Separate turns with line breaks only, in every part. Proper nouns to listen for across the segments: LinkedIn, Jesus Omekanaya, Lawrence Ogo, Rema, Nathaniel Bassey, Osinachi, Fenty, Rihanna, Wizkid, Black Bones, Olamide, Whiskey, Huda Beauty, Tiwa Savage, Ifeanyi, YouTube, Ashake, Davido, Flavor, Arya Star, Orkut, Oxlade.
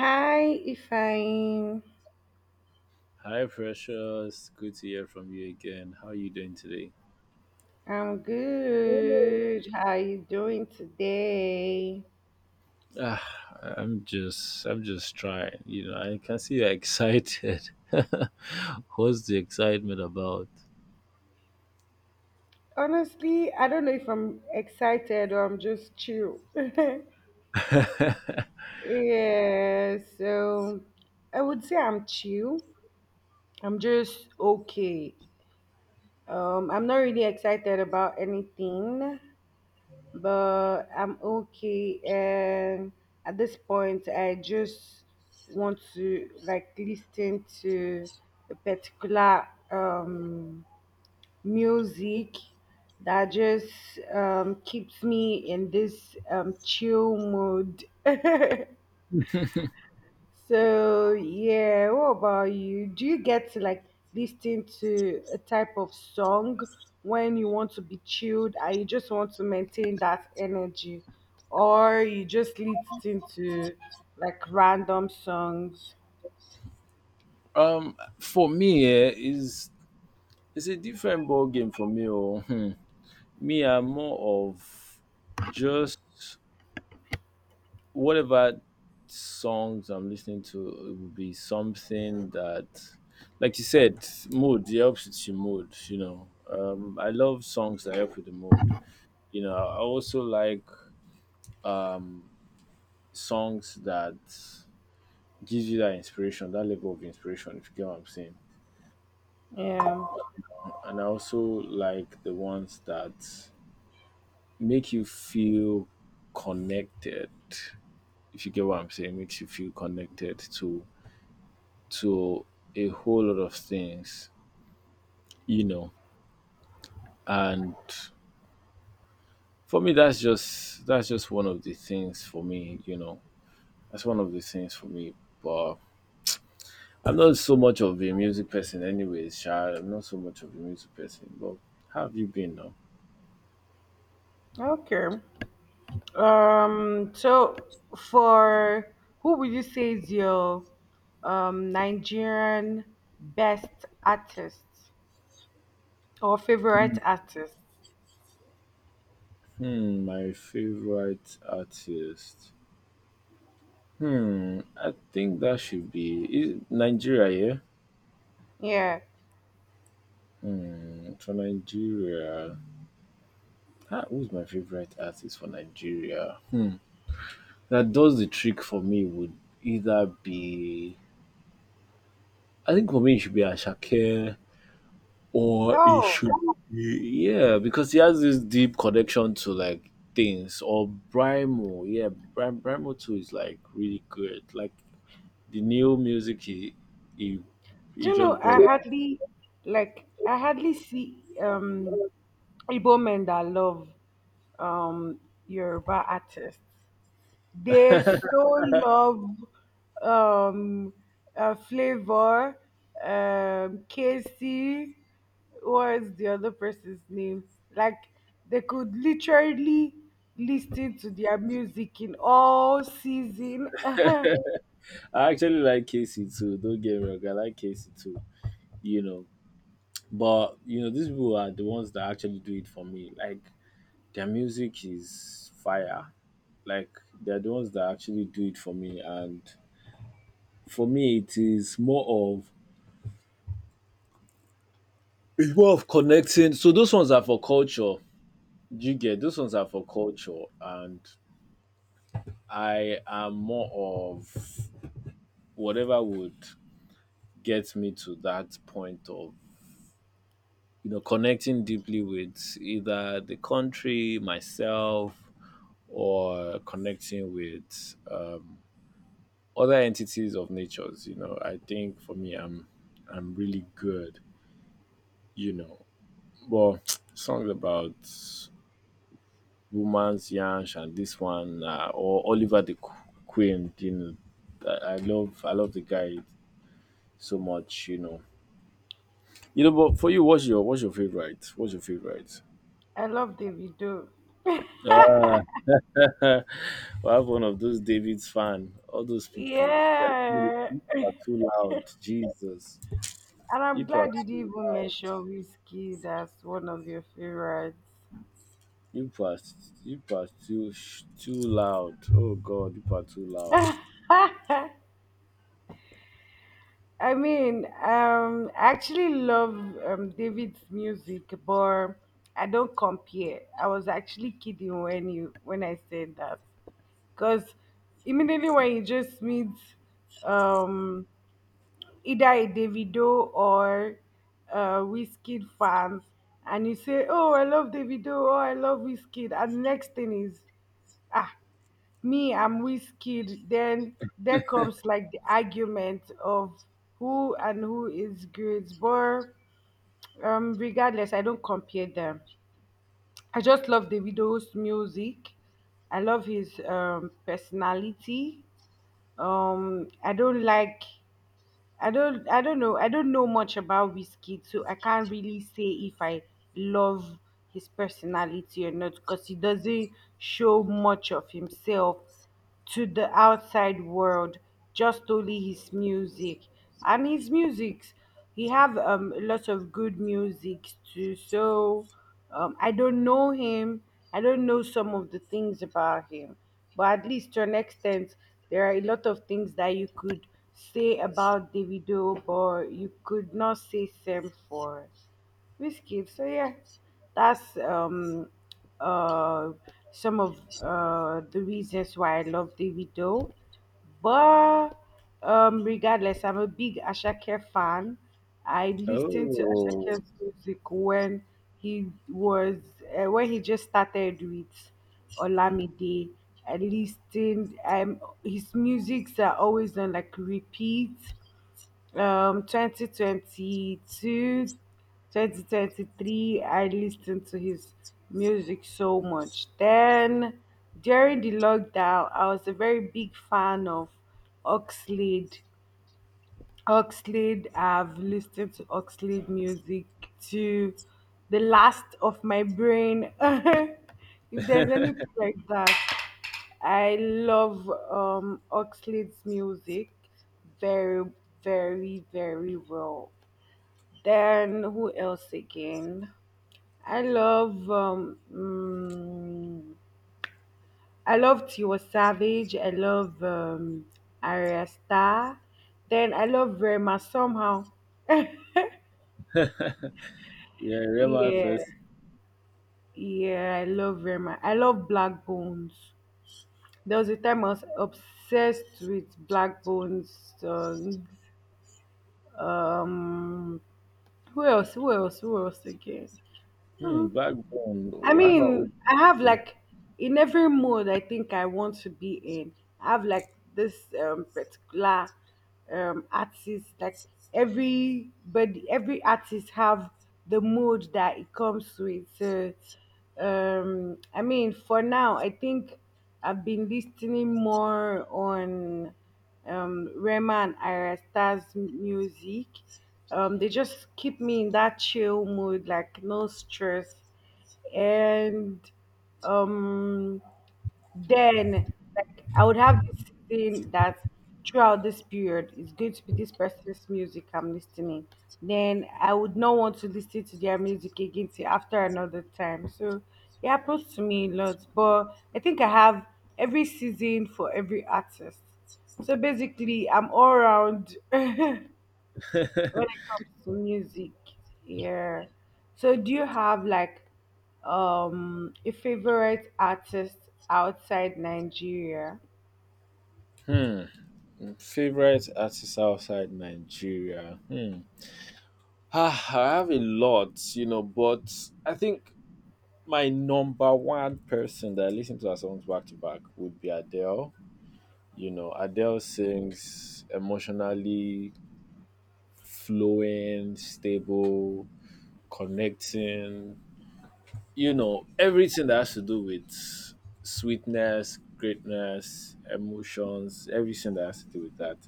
Hi, Ifeanyi.
Hi, Precious. Good to hear from you again. How are you doing today?
I'm good. How are you doing today?
Ah, I'm just trying. You know, I can see you're excited. What's the excitement about?
Honestly, I don't know if I'm excited or I'm just chill. Yeah, so I would say I'm chill. I'm just okay. I'm not really excited about anything, but I'm okay. And at this point, I just want to listen to a particular music that just keeps me in this chill mood. So yeah, what about you? Do you get to like listen to a type of song when you want to be chilled and you just want to maintain that energy, or you just listen to like random songs?
For me, is it's a different ball game for me. Oh, hmm. Me, I'm more of just whatever songs I'm listening to, it would be something that, like you said, mood. It helps with your mood. You know, I love songs that help with the mood. You know, I also like um, songs that gives you that inspiration, that level of inspiration. If you get what I'm saying,
Yeah.
and I also like the ones that make you feel connected. If you get what I'm saying, makes you feel connected to a whole lot of things, you know. And for me, that's just one of the things for me, you know. That's one of the things for me. But I'm not so much of a music person, anyways. Sha. I'm not so much of a music person. But how have you been now?
Okay. So for who would you say is your Nigerian best artist or favorite artist?
Hmm, my favorite artist. Hmm, I think that should be is Nigeria,
Yeah.
yeah. Hmm, for Nigeria, who's my favorite artist for Nigeria? That does the trick for me would either be, I think for me it should be Ashake, or it
Oh.
should be, yeah, because he has this deep connection to like things, or Brimo. Yeah, Brimo too is like really good. Like the new music he
Do
he
you
just
know
brought.
I hardly see Igbo men that love um Yoruba artists? They so love um Flavor, Casey, what's the other person's name? Like they could literally listen to their music in all season.
I actually like Casey too, don't get me wrong, I like Casey too, you know. But you know, these people are the ones that actually do it for me. Like their music is fire, like they're the ones that actually do it for me. And for me, it's more of connecting, so those ones are for culture. Do you get those ones are for culture? And I am more of whatever would get me to that point of, you know, connecting deeply with either the country, myself, or connecting with other entities of natures, you know. I think for me, I'm really good, you know. Well, songs about romance, Yansh, and this one, or Oliver the Queen. You know, I love the guy so much. You know, you know. But for you, what's your favorite? What's your favorite?
I love Davido.
I have one of those David's fan. All those people, they are too,
Yeah.
you are too loud. Jesus,
And I'm
you are
glad you didn't
too
even
loud.
mention Whiskey. That's one of your favorites.
You are, you are too, too loud. Oh God, you are too loud.
I mean, I actually love David's music, but I don't compare. I was actually kidding when I said that, because immediately when you just meet um, either a Davido or a Whiskey fan, and you say, "Oh, I love Davido," or "I love Whiskey," and the next thing is, ah, me I'm Wizkid. Then there comes like the argument of who and who is great. But regardless, I don't compare them. I just love Davido's music. I love his personality. um i don't like I don't know. I don't know much about Whiskey, so I can't really say if I love his personality or not, because he doesn't show much of himself to the outside world, just only his music. And his music, he have lots of good music too. So I don't know him. I don't know some of the things about him. But at least to an extent, there are a lot of things that you could say about Davido, but you could not say same for Whiskey. So yeah, that's uh some of the reasons why I love Davido. But regardless, I'm a big Ashake fan. I listened to
Oh,
Ashake's music when he was when he just started with Olamide. I listened. His musics are always on like repeat 2022, 2023. I listened to his music so much then. During the lockdown I was a very big fan of oxlade oxlade. I've listened to Oxlade music to the last of my brain. If there's anything like that, I love Oxley's music very, very, very well. Then who else again? I love I love Tiwa Savage. I love Arya Star. Then I love Rema somehow.
yeah, Rema
Yeah,
first.
yeah, I love Rema. I love Black Bones. There was a time I was obsessed with Black Bones songs. Um, Who else? Who else? Who else again?
Hmm,
Um,
Backbone.
I
Oh, how about
mean,
Obi?
I have like in every mood I think I want to be in. I have like this particular artist. Like everybody, every artist have the mood that it comes with. So I mean, for now I think I've been listening more on Rema and Arasta's music. They just keep me in that chill mood, like no stress. And um then Like I would have this thing that throughout this period is going to be this person's music I'm listening, then I would not want to listen to their music again till after another time. So it happens to me a lot, but I think I have every season for every artist, so basically I'm all round. When it comes to music, yeah. So do you have like a favorite artist outside Nigeria?
Hmm. Favorite artist outside Nigeria? Hmm. Ah, I have a lot, you know, but I think my number one person that I listen to her songs back to back would be Adele. You know, Adele sings emotionally flowing, stable, connecting, you know, everything that has to do with sweetness, greatness, emotions, everything that has to do with that.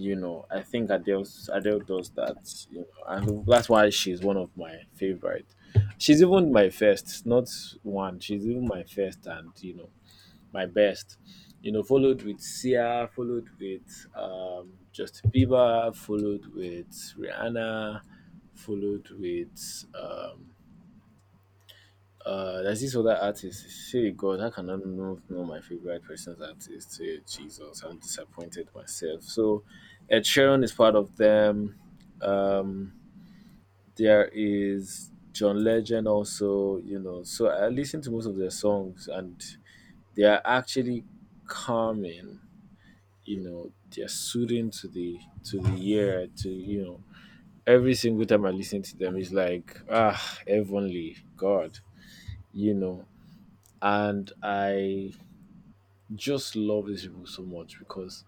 You know, I think Adele does that, you know, and that's why she's one of my favorite. She's even my first, not one. She's even my first, and you know, my best. You know, followed with Sia, followed with Justin Bieber, followed with Rihanna, followed with there's this other artist. Say God, how can I not know my favorite person's artist? Say Jesus, I'm disappointed myself. So, Ed Sheeran is part of them. Um, there is John Legend also. You know, so I listen to most of their songs, and they are actually calming. You know, they're soothing to the ear. To You know, every single time I listen to them, it's like heavenly God. You know, and I just love these people so much because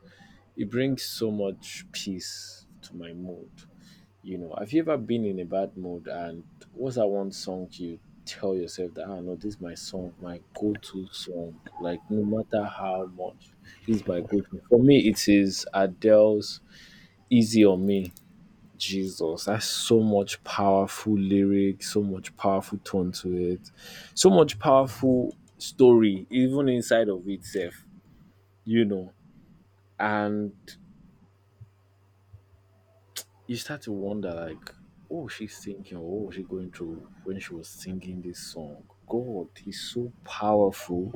it brings so much peace to my mood. You know, have you ever been in a bad mood, and what's that one song you tell yourself that, ah, no, this is my song, my go-to song. Like no matter how much, this is my go-to. For me, it is Adele's "Easy on Me." Jesus, that's so much powerful lyric, so much powerful tone to it, so much powerful story, even inside of itself, you know. And you start to wonder, like, oh, she's thinking, oh, what was she going through when she was singing this song? God, he's so powerful.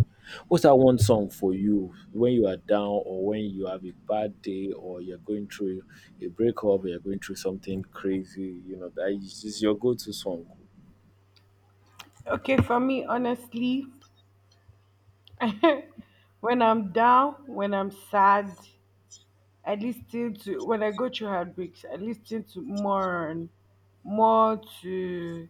What's that one song for you when you are down, or when you have a bad day, or you're going through a breakup, or you're going through something crazy? You know, that is your go to song.
Okay, for me honestly, when I'm sad, I listen to when I go through heartbreaks, I listen to more and more to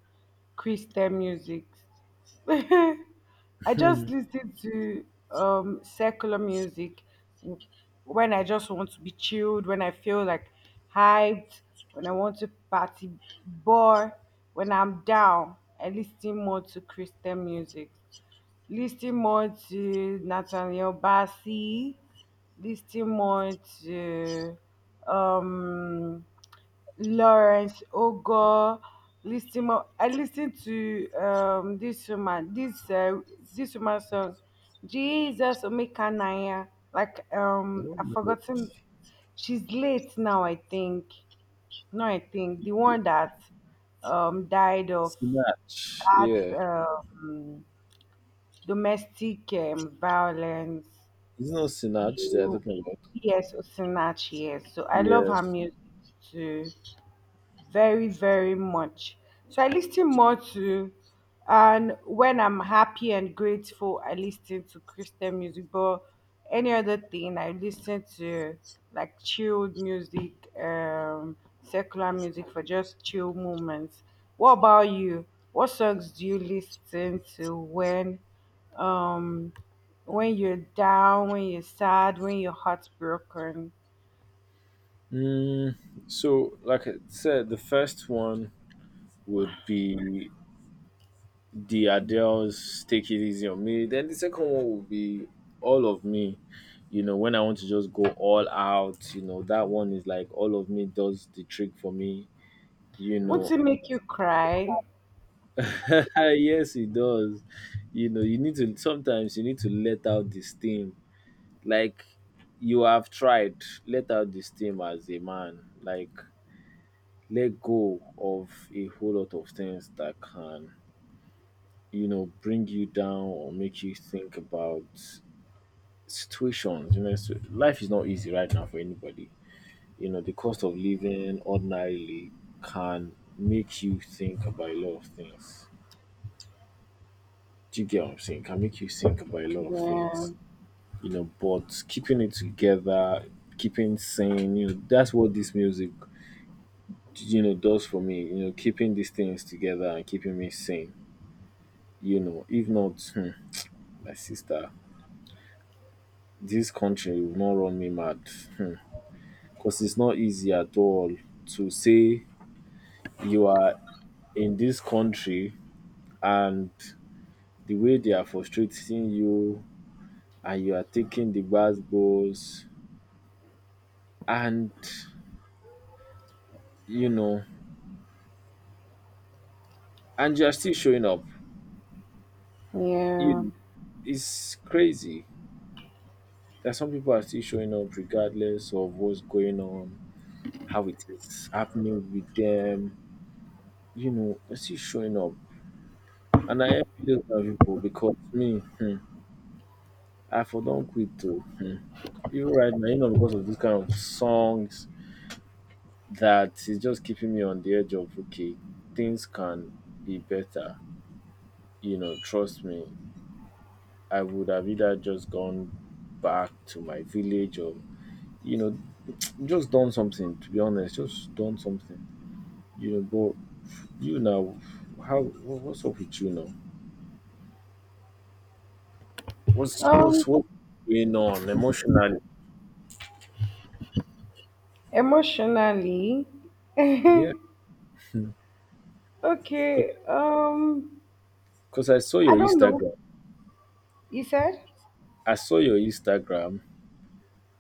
Christian music. I just listen to secular music w- when I just want to be chilled, when I feel like hyped, when I want to party bar. When I'm down, I listen more to Christian music, listening more to Nathaniel Bassey, listening more to um, Lawrence Ogo, listening more. I listen to this woman song, Jesus Omekanaya. Like I've
I
forgotten. She's late now, I think. No, I think the one that died of
Sinach.
that
Yeah.
domestic violence.
It's not Sinach that they're
You,
talking about.
yes, Osinachi, yes. So I love her
Yes.
music too, very, very much. So I listen more to, and when I'm happy and grateful, I listen to Christian music. But any other thing, I listen to like chilled music, secular music for just chill moments. What about you? What songs do you listen to um, when you're down, when you're sad, when your heart's broken?
Mm, so, like I said, the first one would be the Adele's Take It Easy on Me. Then the second one would be All of Me. You know, when I want to just go all out, you know, that one is like All of Me does the trick for me. You
Won't
know,
it make you cry?
yes, it does. You know, you need to sometimes you need to let out the steam. Like you have tried, let out the steam as a man, like let go of a whole lot of things that can, you know, bring you down or make you think about situations, you know. So life is not easy right now for anybody. You know, the cost of living ordinarily can make you think about a lot of things. Do you get what I'm saying? Can make you think about a lot of
Yeah,
things, you know. But keeping it together, keeping sane, you know, that's what this music, you know, does for me, you know. Keeping these things together and keeping me sane, you know, if not, hmm, my sister, this country will not run me mad, because it's not easy at all to say you are in this country and the way they are frustrating you, and you are taking the bad balls, and you know, and you are still showing up.
yeah.
You It's crazy that some people are still showing up regardless of what's going on, how it is happening with them, you know, they still showing up. And I help those kind of people because me, hmm, I for don't quit too. Hmm. Even right now, you know, because of this kind of songs that is just keeping me on the edge of okay, things can be better. You know, trust me, I would have either just gone back to my village, or you know, just done something. To be honest, just done something. You know, but you now, what's up with you now? What's
Um,
what's what's going on emotionally?
Emotionally,
Yeah. Because
okay.
I saw
I
your
don't know.
Instagram.
You said?
I saw your Instagram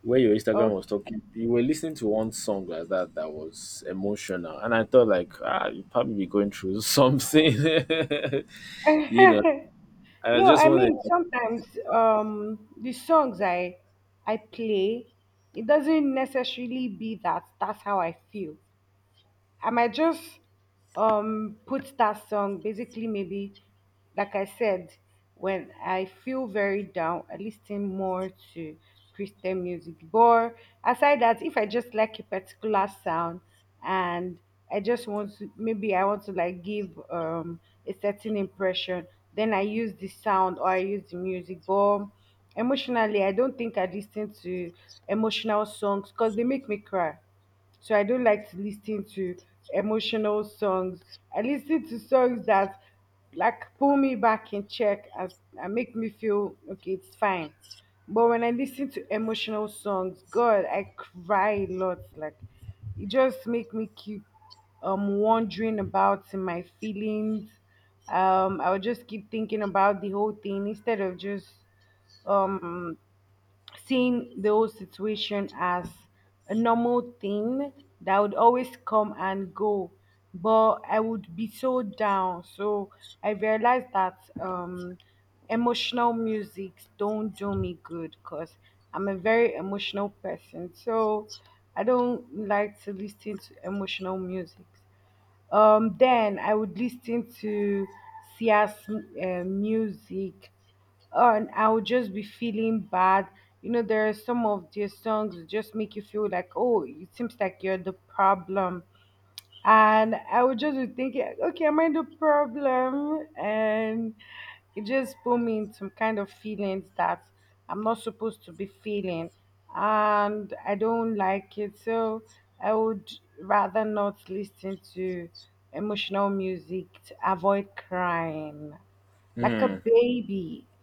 where your Instagram
Okay.
was talking. You were listening to one song like that that was emotional, and I thought like, ah, you probably be going through something. You know, I
No,
just
I
wanted.
mean, sometimes the songs I play, it doesn't necessarily be that that's how I feel. I might just put that song basically. Maybe, like I said, when I feel very down I listen more to Christian music, but aside that, if I just like a particular sound, and I just want to maybe I want to like give a certain impression, then I use the sound or I use the music. But emotionally I don't think I listen to emotional songs because they make me cry, so I don't like to listen to emotional songs. I listen to songs that like pull me back in check, as and make me feel okay, it's fine. But when I listen to emotional songs, God, I cry a lot. Like it just make me keep wondering about my feelings. I would just keep thinking about the whole thing instead of just um seeing those situation as a normal thing that would always come and go, but I would be so down. So I realized that emotional music don't do me good, because I'm a very emotional person, so I don't like to listen to emotional music. Then I would listen to Sia's music, and I would just be feeling bad. You know, there are some of their songs that just make you feel like, oh, it seems like you're the problem, and I would just be thinking, okay, am I the problem? And it just put me in some kind of feelings that I'm not supposed to be feeling, and I don't like it. So I would rather not listen to emotional music to avoid crying like a
Hmm,
baby.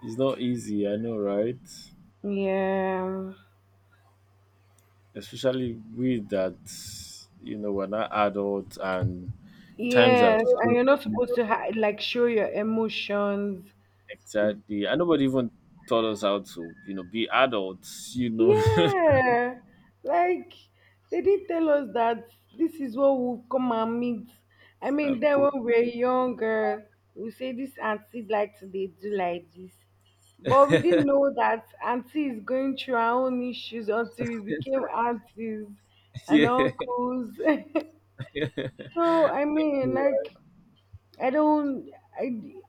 it's not easy. I know, right?
Yeah.
Especially with that, you know, we're not adults, and times have
Yes, and you're
changed.
not supposed to like show your emotions.
Exactly. And nobody even taught us how to, you know, be adults, you know.
Yeah, like they did tell us that this is what we'll come and meet. I mean,
Um,
then
but-
when we're younger, we say this auntie like to they do like this, but we didn't know that auntie is going through her own issues until we became aunties and
yeah.
uncles.
You're
So I mean,
Right.
like I don't, I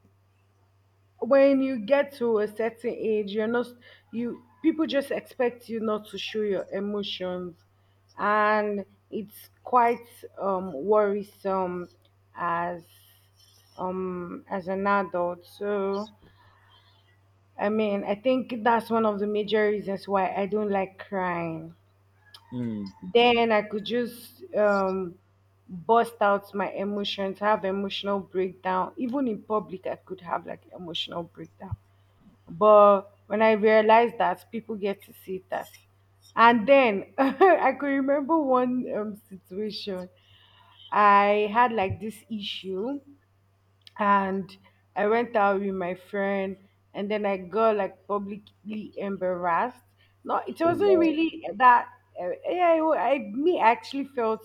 when you get to a certain age you're not, you people just expect you not to show your emotions, and it's quite worrisome as as an adult. So I mean, I think that's one of the major reasons why I don't like crying.
Hmm.
Then I could just bust out my emotions, have emotional breakdown. Even in public I could have like emotional breakdown, but when I realized that people get to see that, and then I could remember one situation. I had like this issue, and I went out with my friend, and then I got like publicly embarrassed. No, it
Oh,
wasn't
wow.
really that. Yeah, it I me I actually felt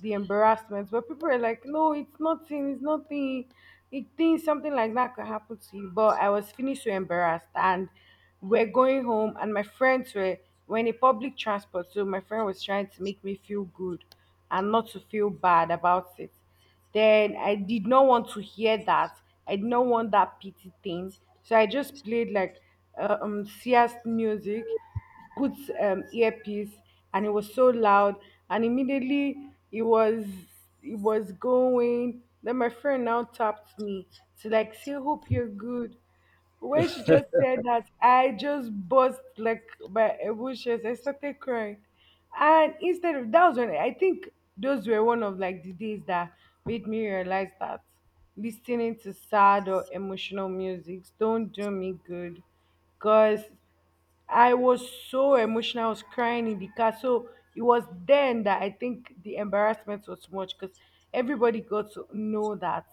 the embarrassment, but people were like, "No, it's nothing. It's nothing. It Things something like that could happen to you." But I was feeling so embarrassed, and we're going home, and my friends were in a public transport, so my friend was trying to make me feel good and not to feel bad about it. Then I did not want to hear that. I did not want that pity thing. So I just played like serious music, put earpiece, and it was so loud. And immediately it was going. Then my friend now tapped me to like say, "Hope you're good." When she just said that, I just burst like by emotions. I started crying. And instead of that, was when I think those were one of like the days that made me realize that listening to sad or emotional music don't do me good. Cause I was so emotional. I was crying in the car. So it was then that I think the embarrassment was much because everybody got to know that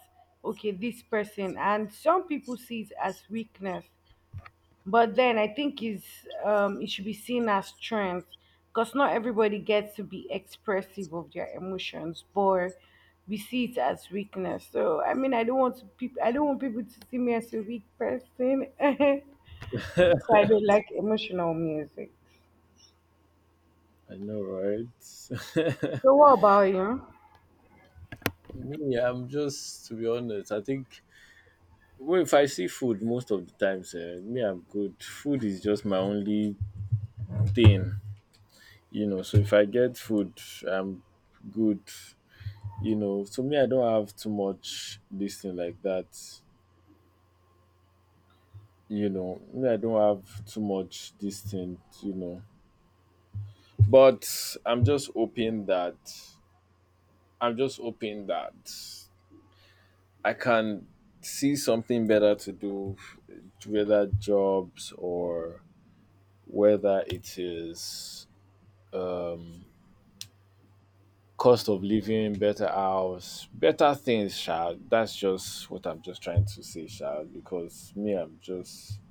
okay, this person, and some people see it as weakness, but then I think is it should be seen as strength because not everybody gets to be expressive of their emotions, but we see it as weakness. So I mean, I don't want to I don't want people to see me as a weak person, so I don't like emotional music.
I know, right?
So what about you?
Me, I'm just, to be honest, I think, well, if I see food most of the times, me, I'm good. Food is just my only thing, you know. So if I get food, I'm good, you know. So me, I don't have too much this thing like that. You know, me, I don't have too much this thing, you know. But I'm just hoping that I can see something better to do, whether jobs or whether it is um cost of living, better house, better things, child. That's just what I'm just trying to say, child, because me, I'm just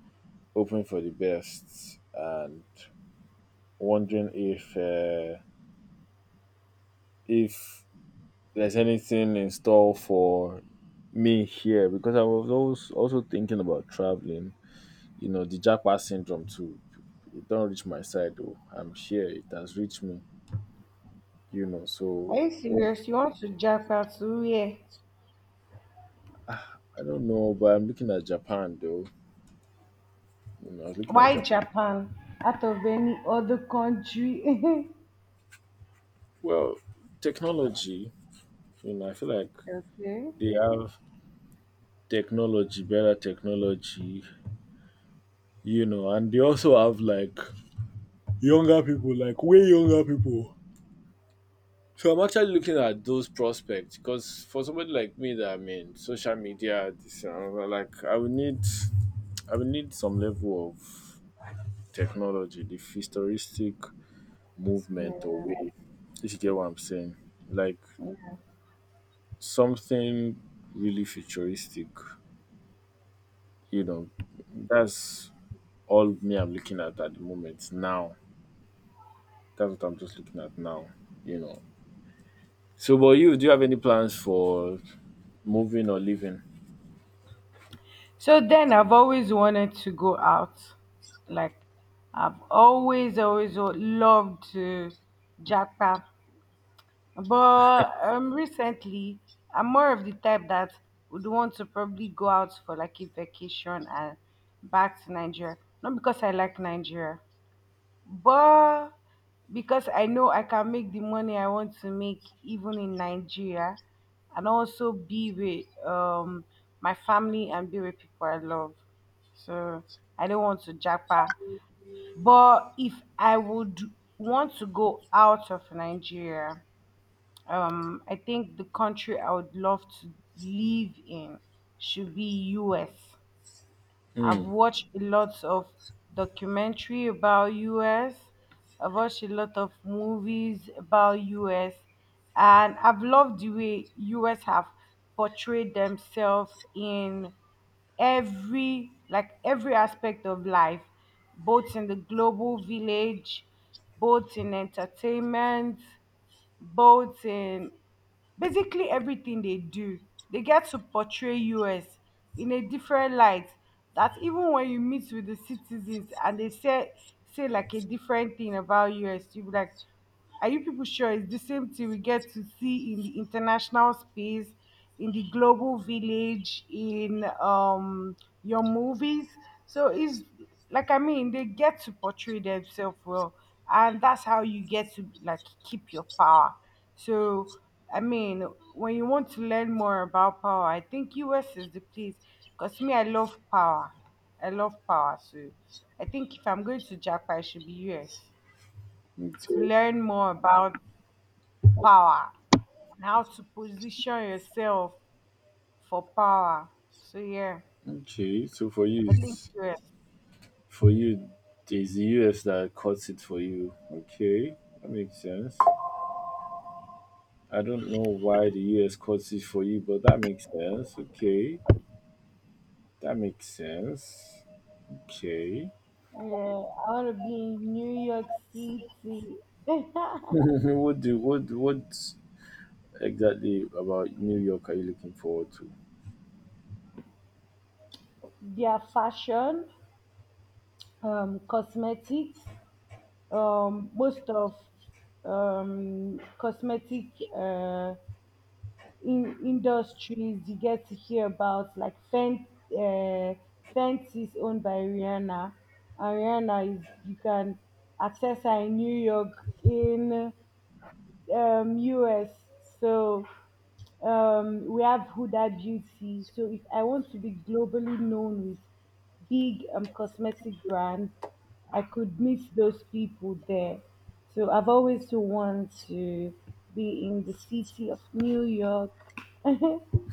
hoping for the best and wondering if, if there's anything in store for me here, because I was also thinking about traveling. You know, the Japan syndrome too. It don't reach my side though. I'm sure it has reached me. You know,
Are
so
you
what-
serious? You want to Japan to where?
I don't know, but I'm looking at Japan though. You know, I was looking at
Why
Japan.
Japan? Out of any other country?
Well, technology. You know, I feel like
Okay.
they have technology, better technology. You know, and they also have like younger people, like way younger people. So I'm actually looking at those prospects because for somebody like me that I'm in social media, this like I will need some level of technology, the futuristic movement or
Yeah.
wave. If you get what I'm saying, like something really futuristic, you know, that's all me I'm looking at the moment. Now, that's what I'm just looking at now, you know. So, but you, do you have any plans for moving or living?
So then I've always wanted to go out. Like I've loved to Japan. But recently I'm more of the type that would want to probably go out for like a vacation and back to Nigeria. Not because I like Nigeria, but because I know I can make the money I want to make even in Nigeria and also be with my family and be with people I love. So I don't want to japa. But if I would want to go out of Nigeria, I think the country I would love to live in should be US. I've
Hmm.
watched a lot of documentary about US. I've watched a lot of movies about US, and I've loved the way US have portrayed themselves in every like every aspect of life, both in the global village, both in entertainment, but basically everything they do, they get to portray us in a different light that even when you meet with the citizens and they say say like a different thing about us, you be like, are you people sure it's the same thing we get to see in the international space, in the global village, in your movies? So it's like I mean they get to portray themselves well, and that's how you get to like keep your power. So I mean, when you want to learn more about power, I think US is the place. Because me, I love power. I love power. So I think if I'm going to Japan, I should be US
Me
to
too.
learn more about power and how to position yourself for power. So yeah,
Okay, so for you,
I think
it's
US.
for you, the US that cuts it for you. Okay, that makes sense. I don't know why the US cuts it for you, but that makes sense. Okay, that makes sense. Okay,
Yeah, I want to be in New York City.
what do what exactly about New York are you looking forward to?
Their fashion, cosmetics, most of cosmetic uh, in industries you get to hear about, like uh, Fenty is owned by Rihanna. And Rihanna is, you can access her in New York, in US. So we have Huda Beauty. So if I want to be globally known with big cosmetic brands, I could meet those people there. So I've always wanted to be in the city of New York.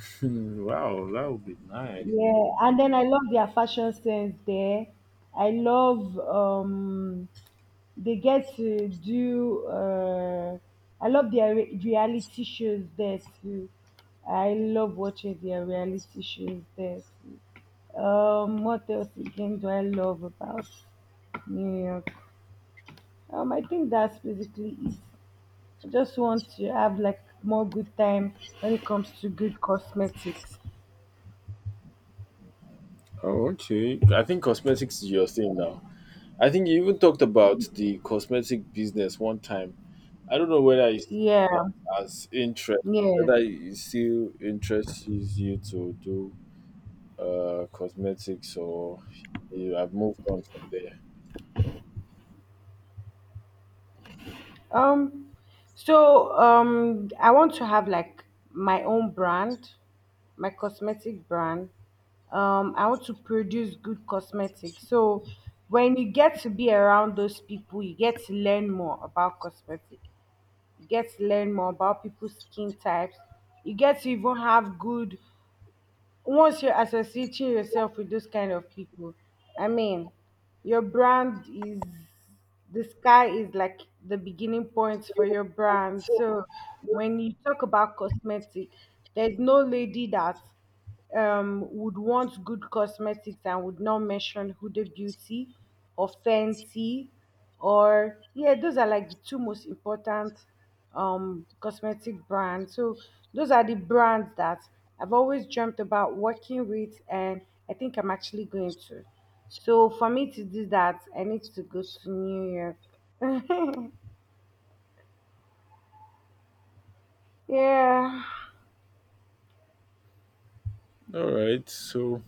Hmm, wow, that would be nice.
Yeah, and then I love their fashion sense there. I love they get to do I love their reality shows there too. I love watching their reality shows there too. What else again do I love about New York? I think that's basically it. I just want to have like more good time when it comes to good cosmetics.
Oh, okay. I think cosmetics is your thing now. I think you even talked about the cosmetic business one time. I don't know whether you see
Yeah,
that as interest,
yeah.
whether it still interests you to do cosmetics, or you have moved on from there.
Um, I want to have like my own brand, my cosmetic brand. I want to produce good cosmetics. So when you get to be around those people, you get to learn more about cosmetic. You get to learn more about people's skin types. You get to even have good, once you're associating yourself with those kind of people, I mean, your brand is, the sky is like the beginning point for your brand. So when you talk about cosmetic, there's no lady that would want good cosmetics and would not mention Huda Beauty or Fenty or yeah, those are like the two most important cosmetic brands. So those are the brands that I've always dreamt about working with, and I think I'm actually going to. So for me to do that, I need to go to New York. Yeah,
All right, so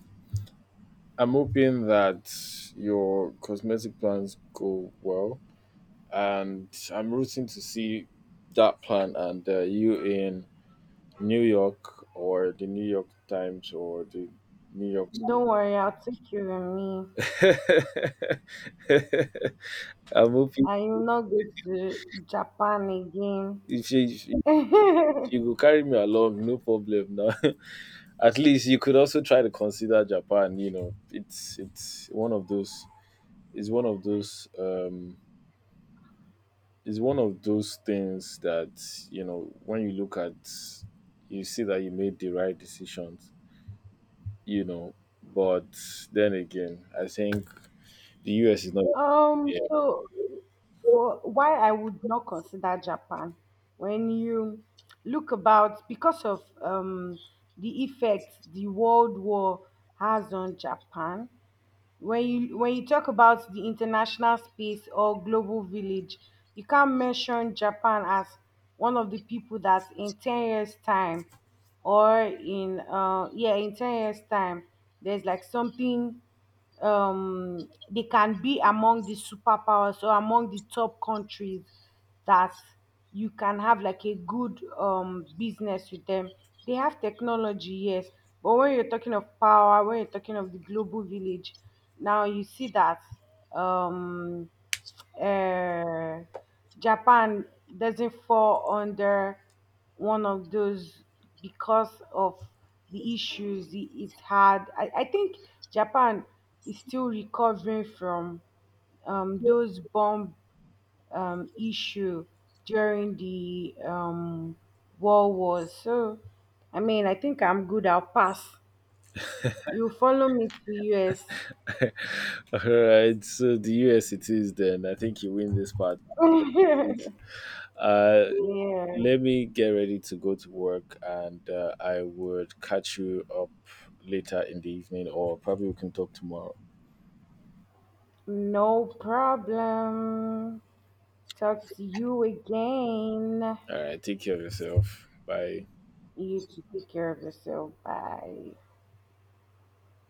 I'm hoping that your cosmetic plans go well, and I'm rooting to see that plan and you in New York, or the New York Times, or the New York.
don't worry, I'll take you with me.
I'm hoping
I will not go to Japan again.
if you, if you if you go carry me along, no problem. Now, at least you could also try to consider Japan. You know, it's one of those. It's one of those. It's one of those things that you know when you look at, you see that you made the right decisions. You know, but then again, I think the US is not.
So for why I would not consider Japan, when you look about, because of the effect the World War has on Japan, when you talk about the international space or global village, you can't mention Japan as one of the people that in 10 years time, or in in 10 years time, there's like something they can be among the superpowers or among the top countries that you can have like a good business with them. They have technology, yes, but when you're talking of power, when you're talking of the global village, now you see that um uh, Japan doesn't fall under one of those because of the issues it's had. I think Japan is still recovering from those bomb issue during the World War. So, I mean, I think I'm good. I'll pass. You follow me to the US.
All right, so the US it is then. I think you win this part. Uh,
Yeah,
Let me get ready to go to work, and I would catch you up later in the evening, or probably we can talk tomorrow.
no problem. Talk to you again.
All right, take care of yourself. Bye.
You to take care of yourself. Bye.